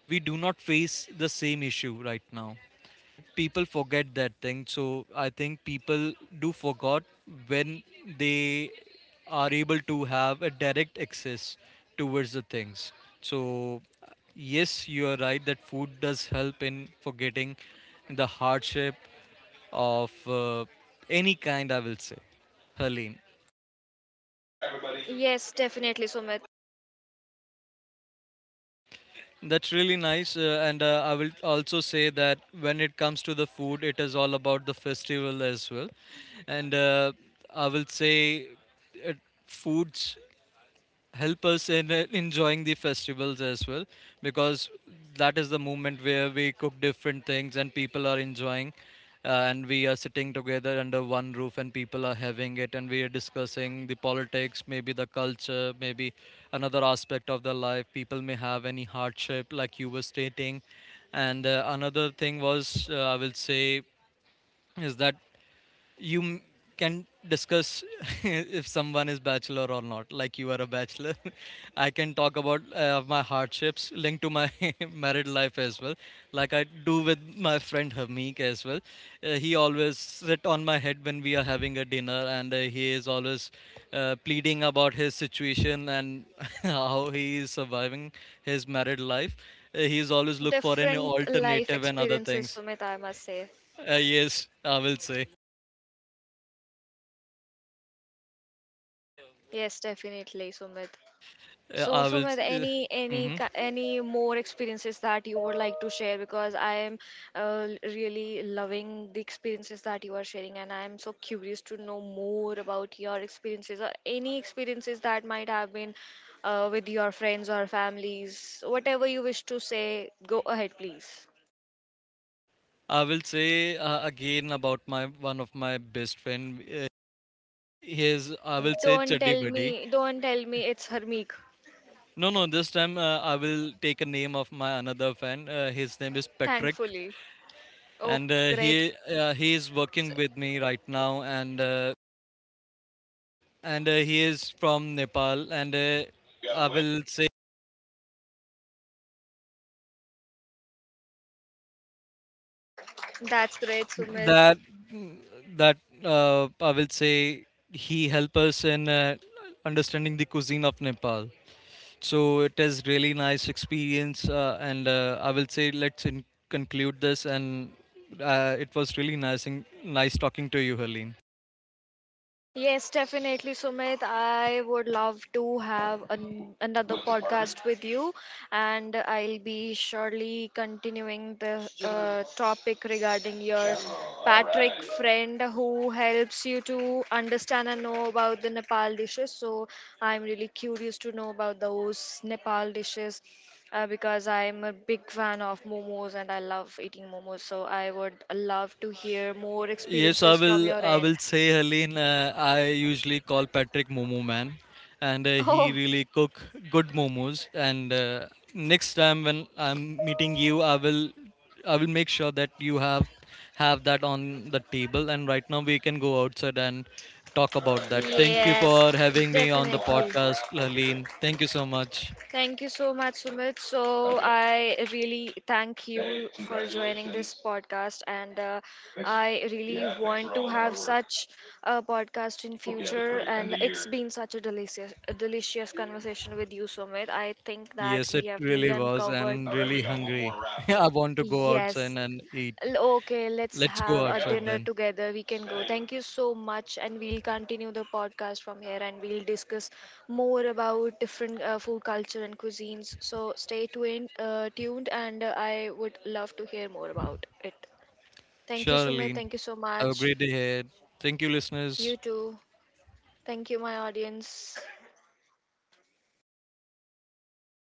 B: we do not face the same issue right now. People forget that thing. So I think people do forgot when they are able to have a direct access towards the things. So yes, you are right that food does help in forgetting the hardship of any kind, I will say, Helene.
A: Yes, definitely, Sumit.
B: That's really nice, and I will also say that when it comes to the food, it is all about the festival as well, and I will say, it, foods help us in enjoying the festivals as well, because that is the moment where we cook different things and people are enjoying, and we are sitting together under one roof and people are having it, and we are discussing the politics, maybe the culture, maybe another aspect of their life. People may have any hardship like you were stating, and another thing was I will say is that you can discuss if someone is bachelor or not, like you are a bachelor. I can talk about my hardships linked to my married life as well, like I do with my friend Hamik as well. He always sit on my head when we are having a dinner, and he is always pleading about his situation and how he is surviving his married life. He's always look for an
A: Different life
B: alternative and other
A: experiences,
B: things.
A: Sumit, I must say.
B: Yes, I will say.
A: Yes, definitely, Sumit.
B: Uh,
A: So,
B: I will.
A: Sumit,
B: s- Uh,
A: any any
B: mhm.
A: ki- any more experiences that you would like to share? Because I am really loving the experiences that you are sharing, and I am so curious to know more about your experiences or any experiences that might have been with your friends or families. Whatever you wish to say, go ahead, please.
B: I will say again about my one of my best friend. His, I will say,
A: Don't
B: Chaddi
A: tell
B: Buddy.
A: me, don't tell me it's Harmeek,
B: No, no. This time I will take a name of my another friend. His name is Patrick,
A: thankfully. Oh,
B: and uh,
A: great.
B: he uh, he is working
A: S-
B: with me right now, and uh, and he is from Nepal, and I will say
A: That's great, Sumit.
B: that that I will say he help us in understanding the cuisine of Nepal. So it is really nice experience, and I will say let's conclude this. And it was really nice, nice talking to you, Helene.
A: Yes, definitely, Sumit. I would love to have an, another podcast with you, and I'll be surely continuing the topic regarding your Patrick friend who helps you to understand and know about the Nepal dishes. So I'm really curious to know about those Nepal dishes because I'm a big fan of momos and I love eating momos. So I would love to hear more
B: Yes, I
A: experiences from
B: will.
A: your
B: I
A: end.
B: will say, Helene. I usually call Patrick Momo Man, and he
A: Oh.
B: really cook good momos. And Next time when I'm meeting you, I will make sure that you have that on the table. And right now we can go outside and talk
A: All
B: about
A: right, we
B: that.
A: got the...
B: Thank you
A: Yes,
B: for having me on
A: definitely.
B: the
A: Last
B: podcast,
A: raffle here.
B: Helene. Thank you so much.
A: Thank you so much, Sumit. So okay. I really thank... Hey, you for joining this... Congratulations. Podcast, and thanks. I really... Yeah, thanks want for to all the hard have hard work. Such a podcast in... Hope you have a future. Great end. And of the it's year. Been such a delicious conversation with you, Sumit. I think that
B: Yes,
A: we
B: it
A: have really
B: really was,
A: uncovered.
B: and
A: All right, we
B: really
A: got one
B: hungry.
A: more raffle.
B: I want to go
A: Yes,
B: outside and eat.
A: L- okay, let's
B: Let's go
A: have a
B: outside
A: dinner
B: then.
A: together. We can go. Thank you so much. And we'll continue the podcast from here and we'll discuss more about different food culture and cuisines. So stay tuned, and I would love to hear more about it. Thank you,
B: Sure,
A: Sumit.
B: Aline.
A: Thank you so
B: Have a
A: much.
B: great day ahead. Thank you,
A: You
B: listeners.
A: too. Thank you, my audience.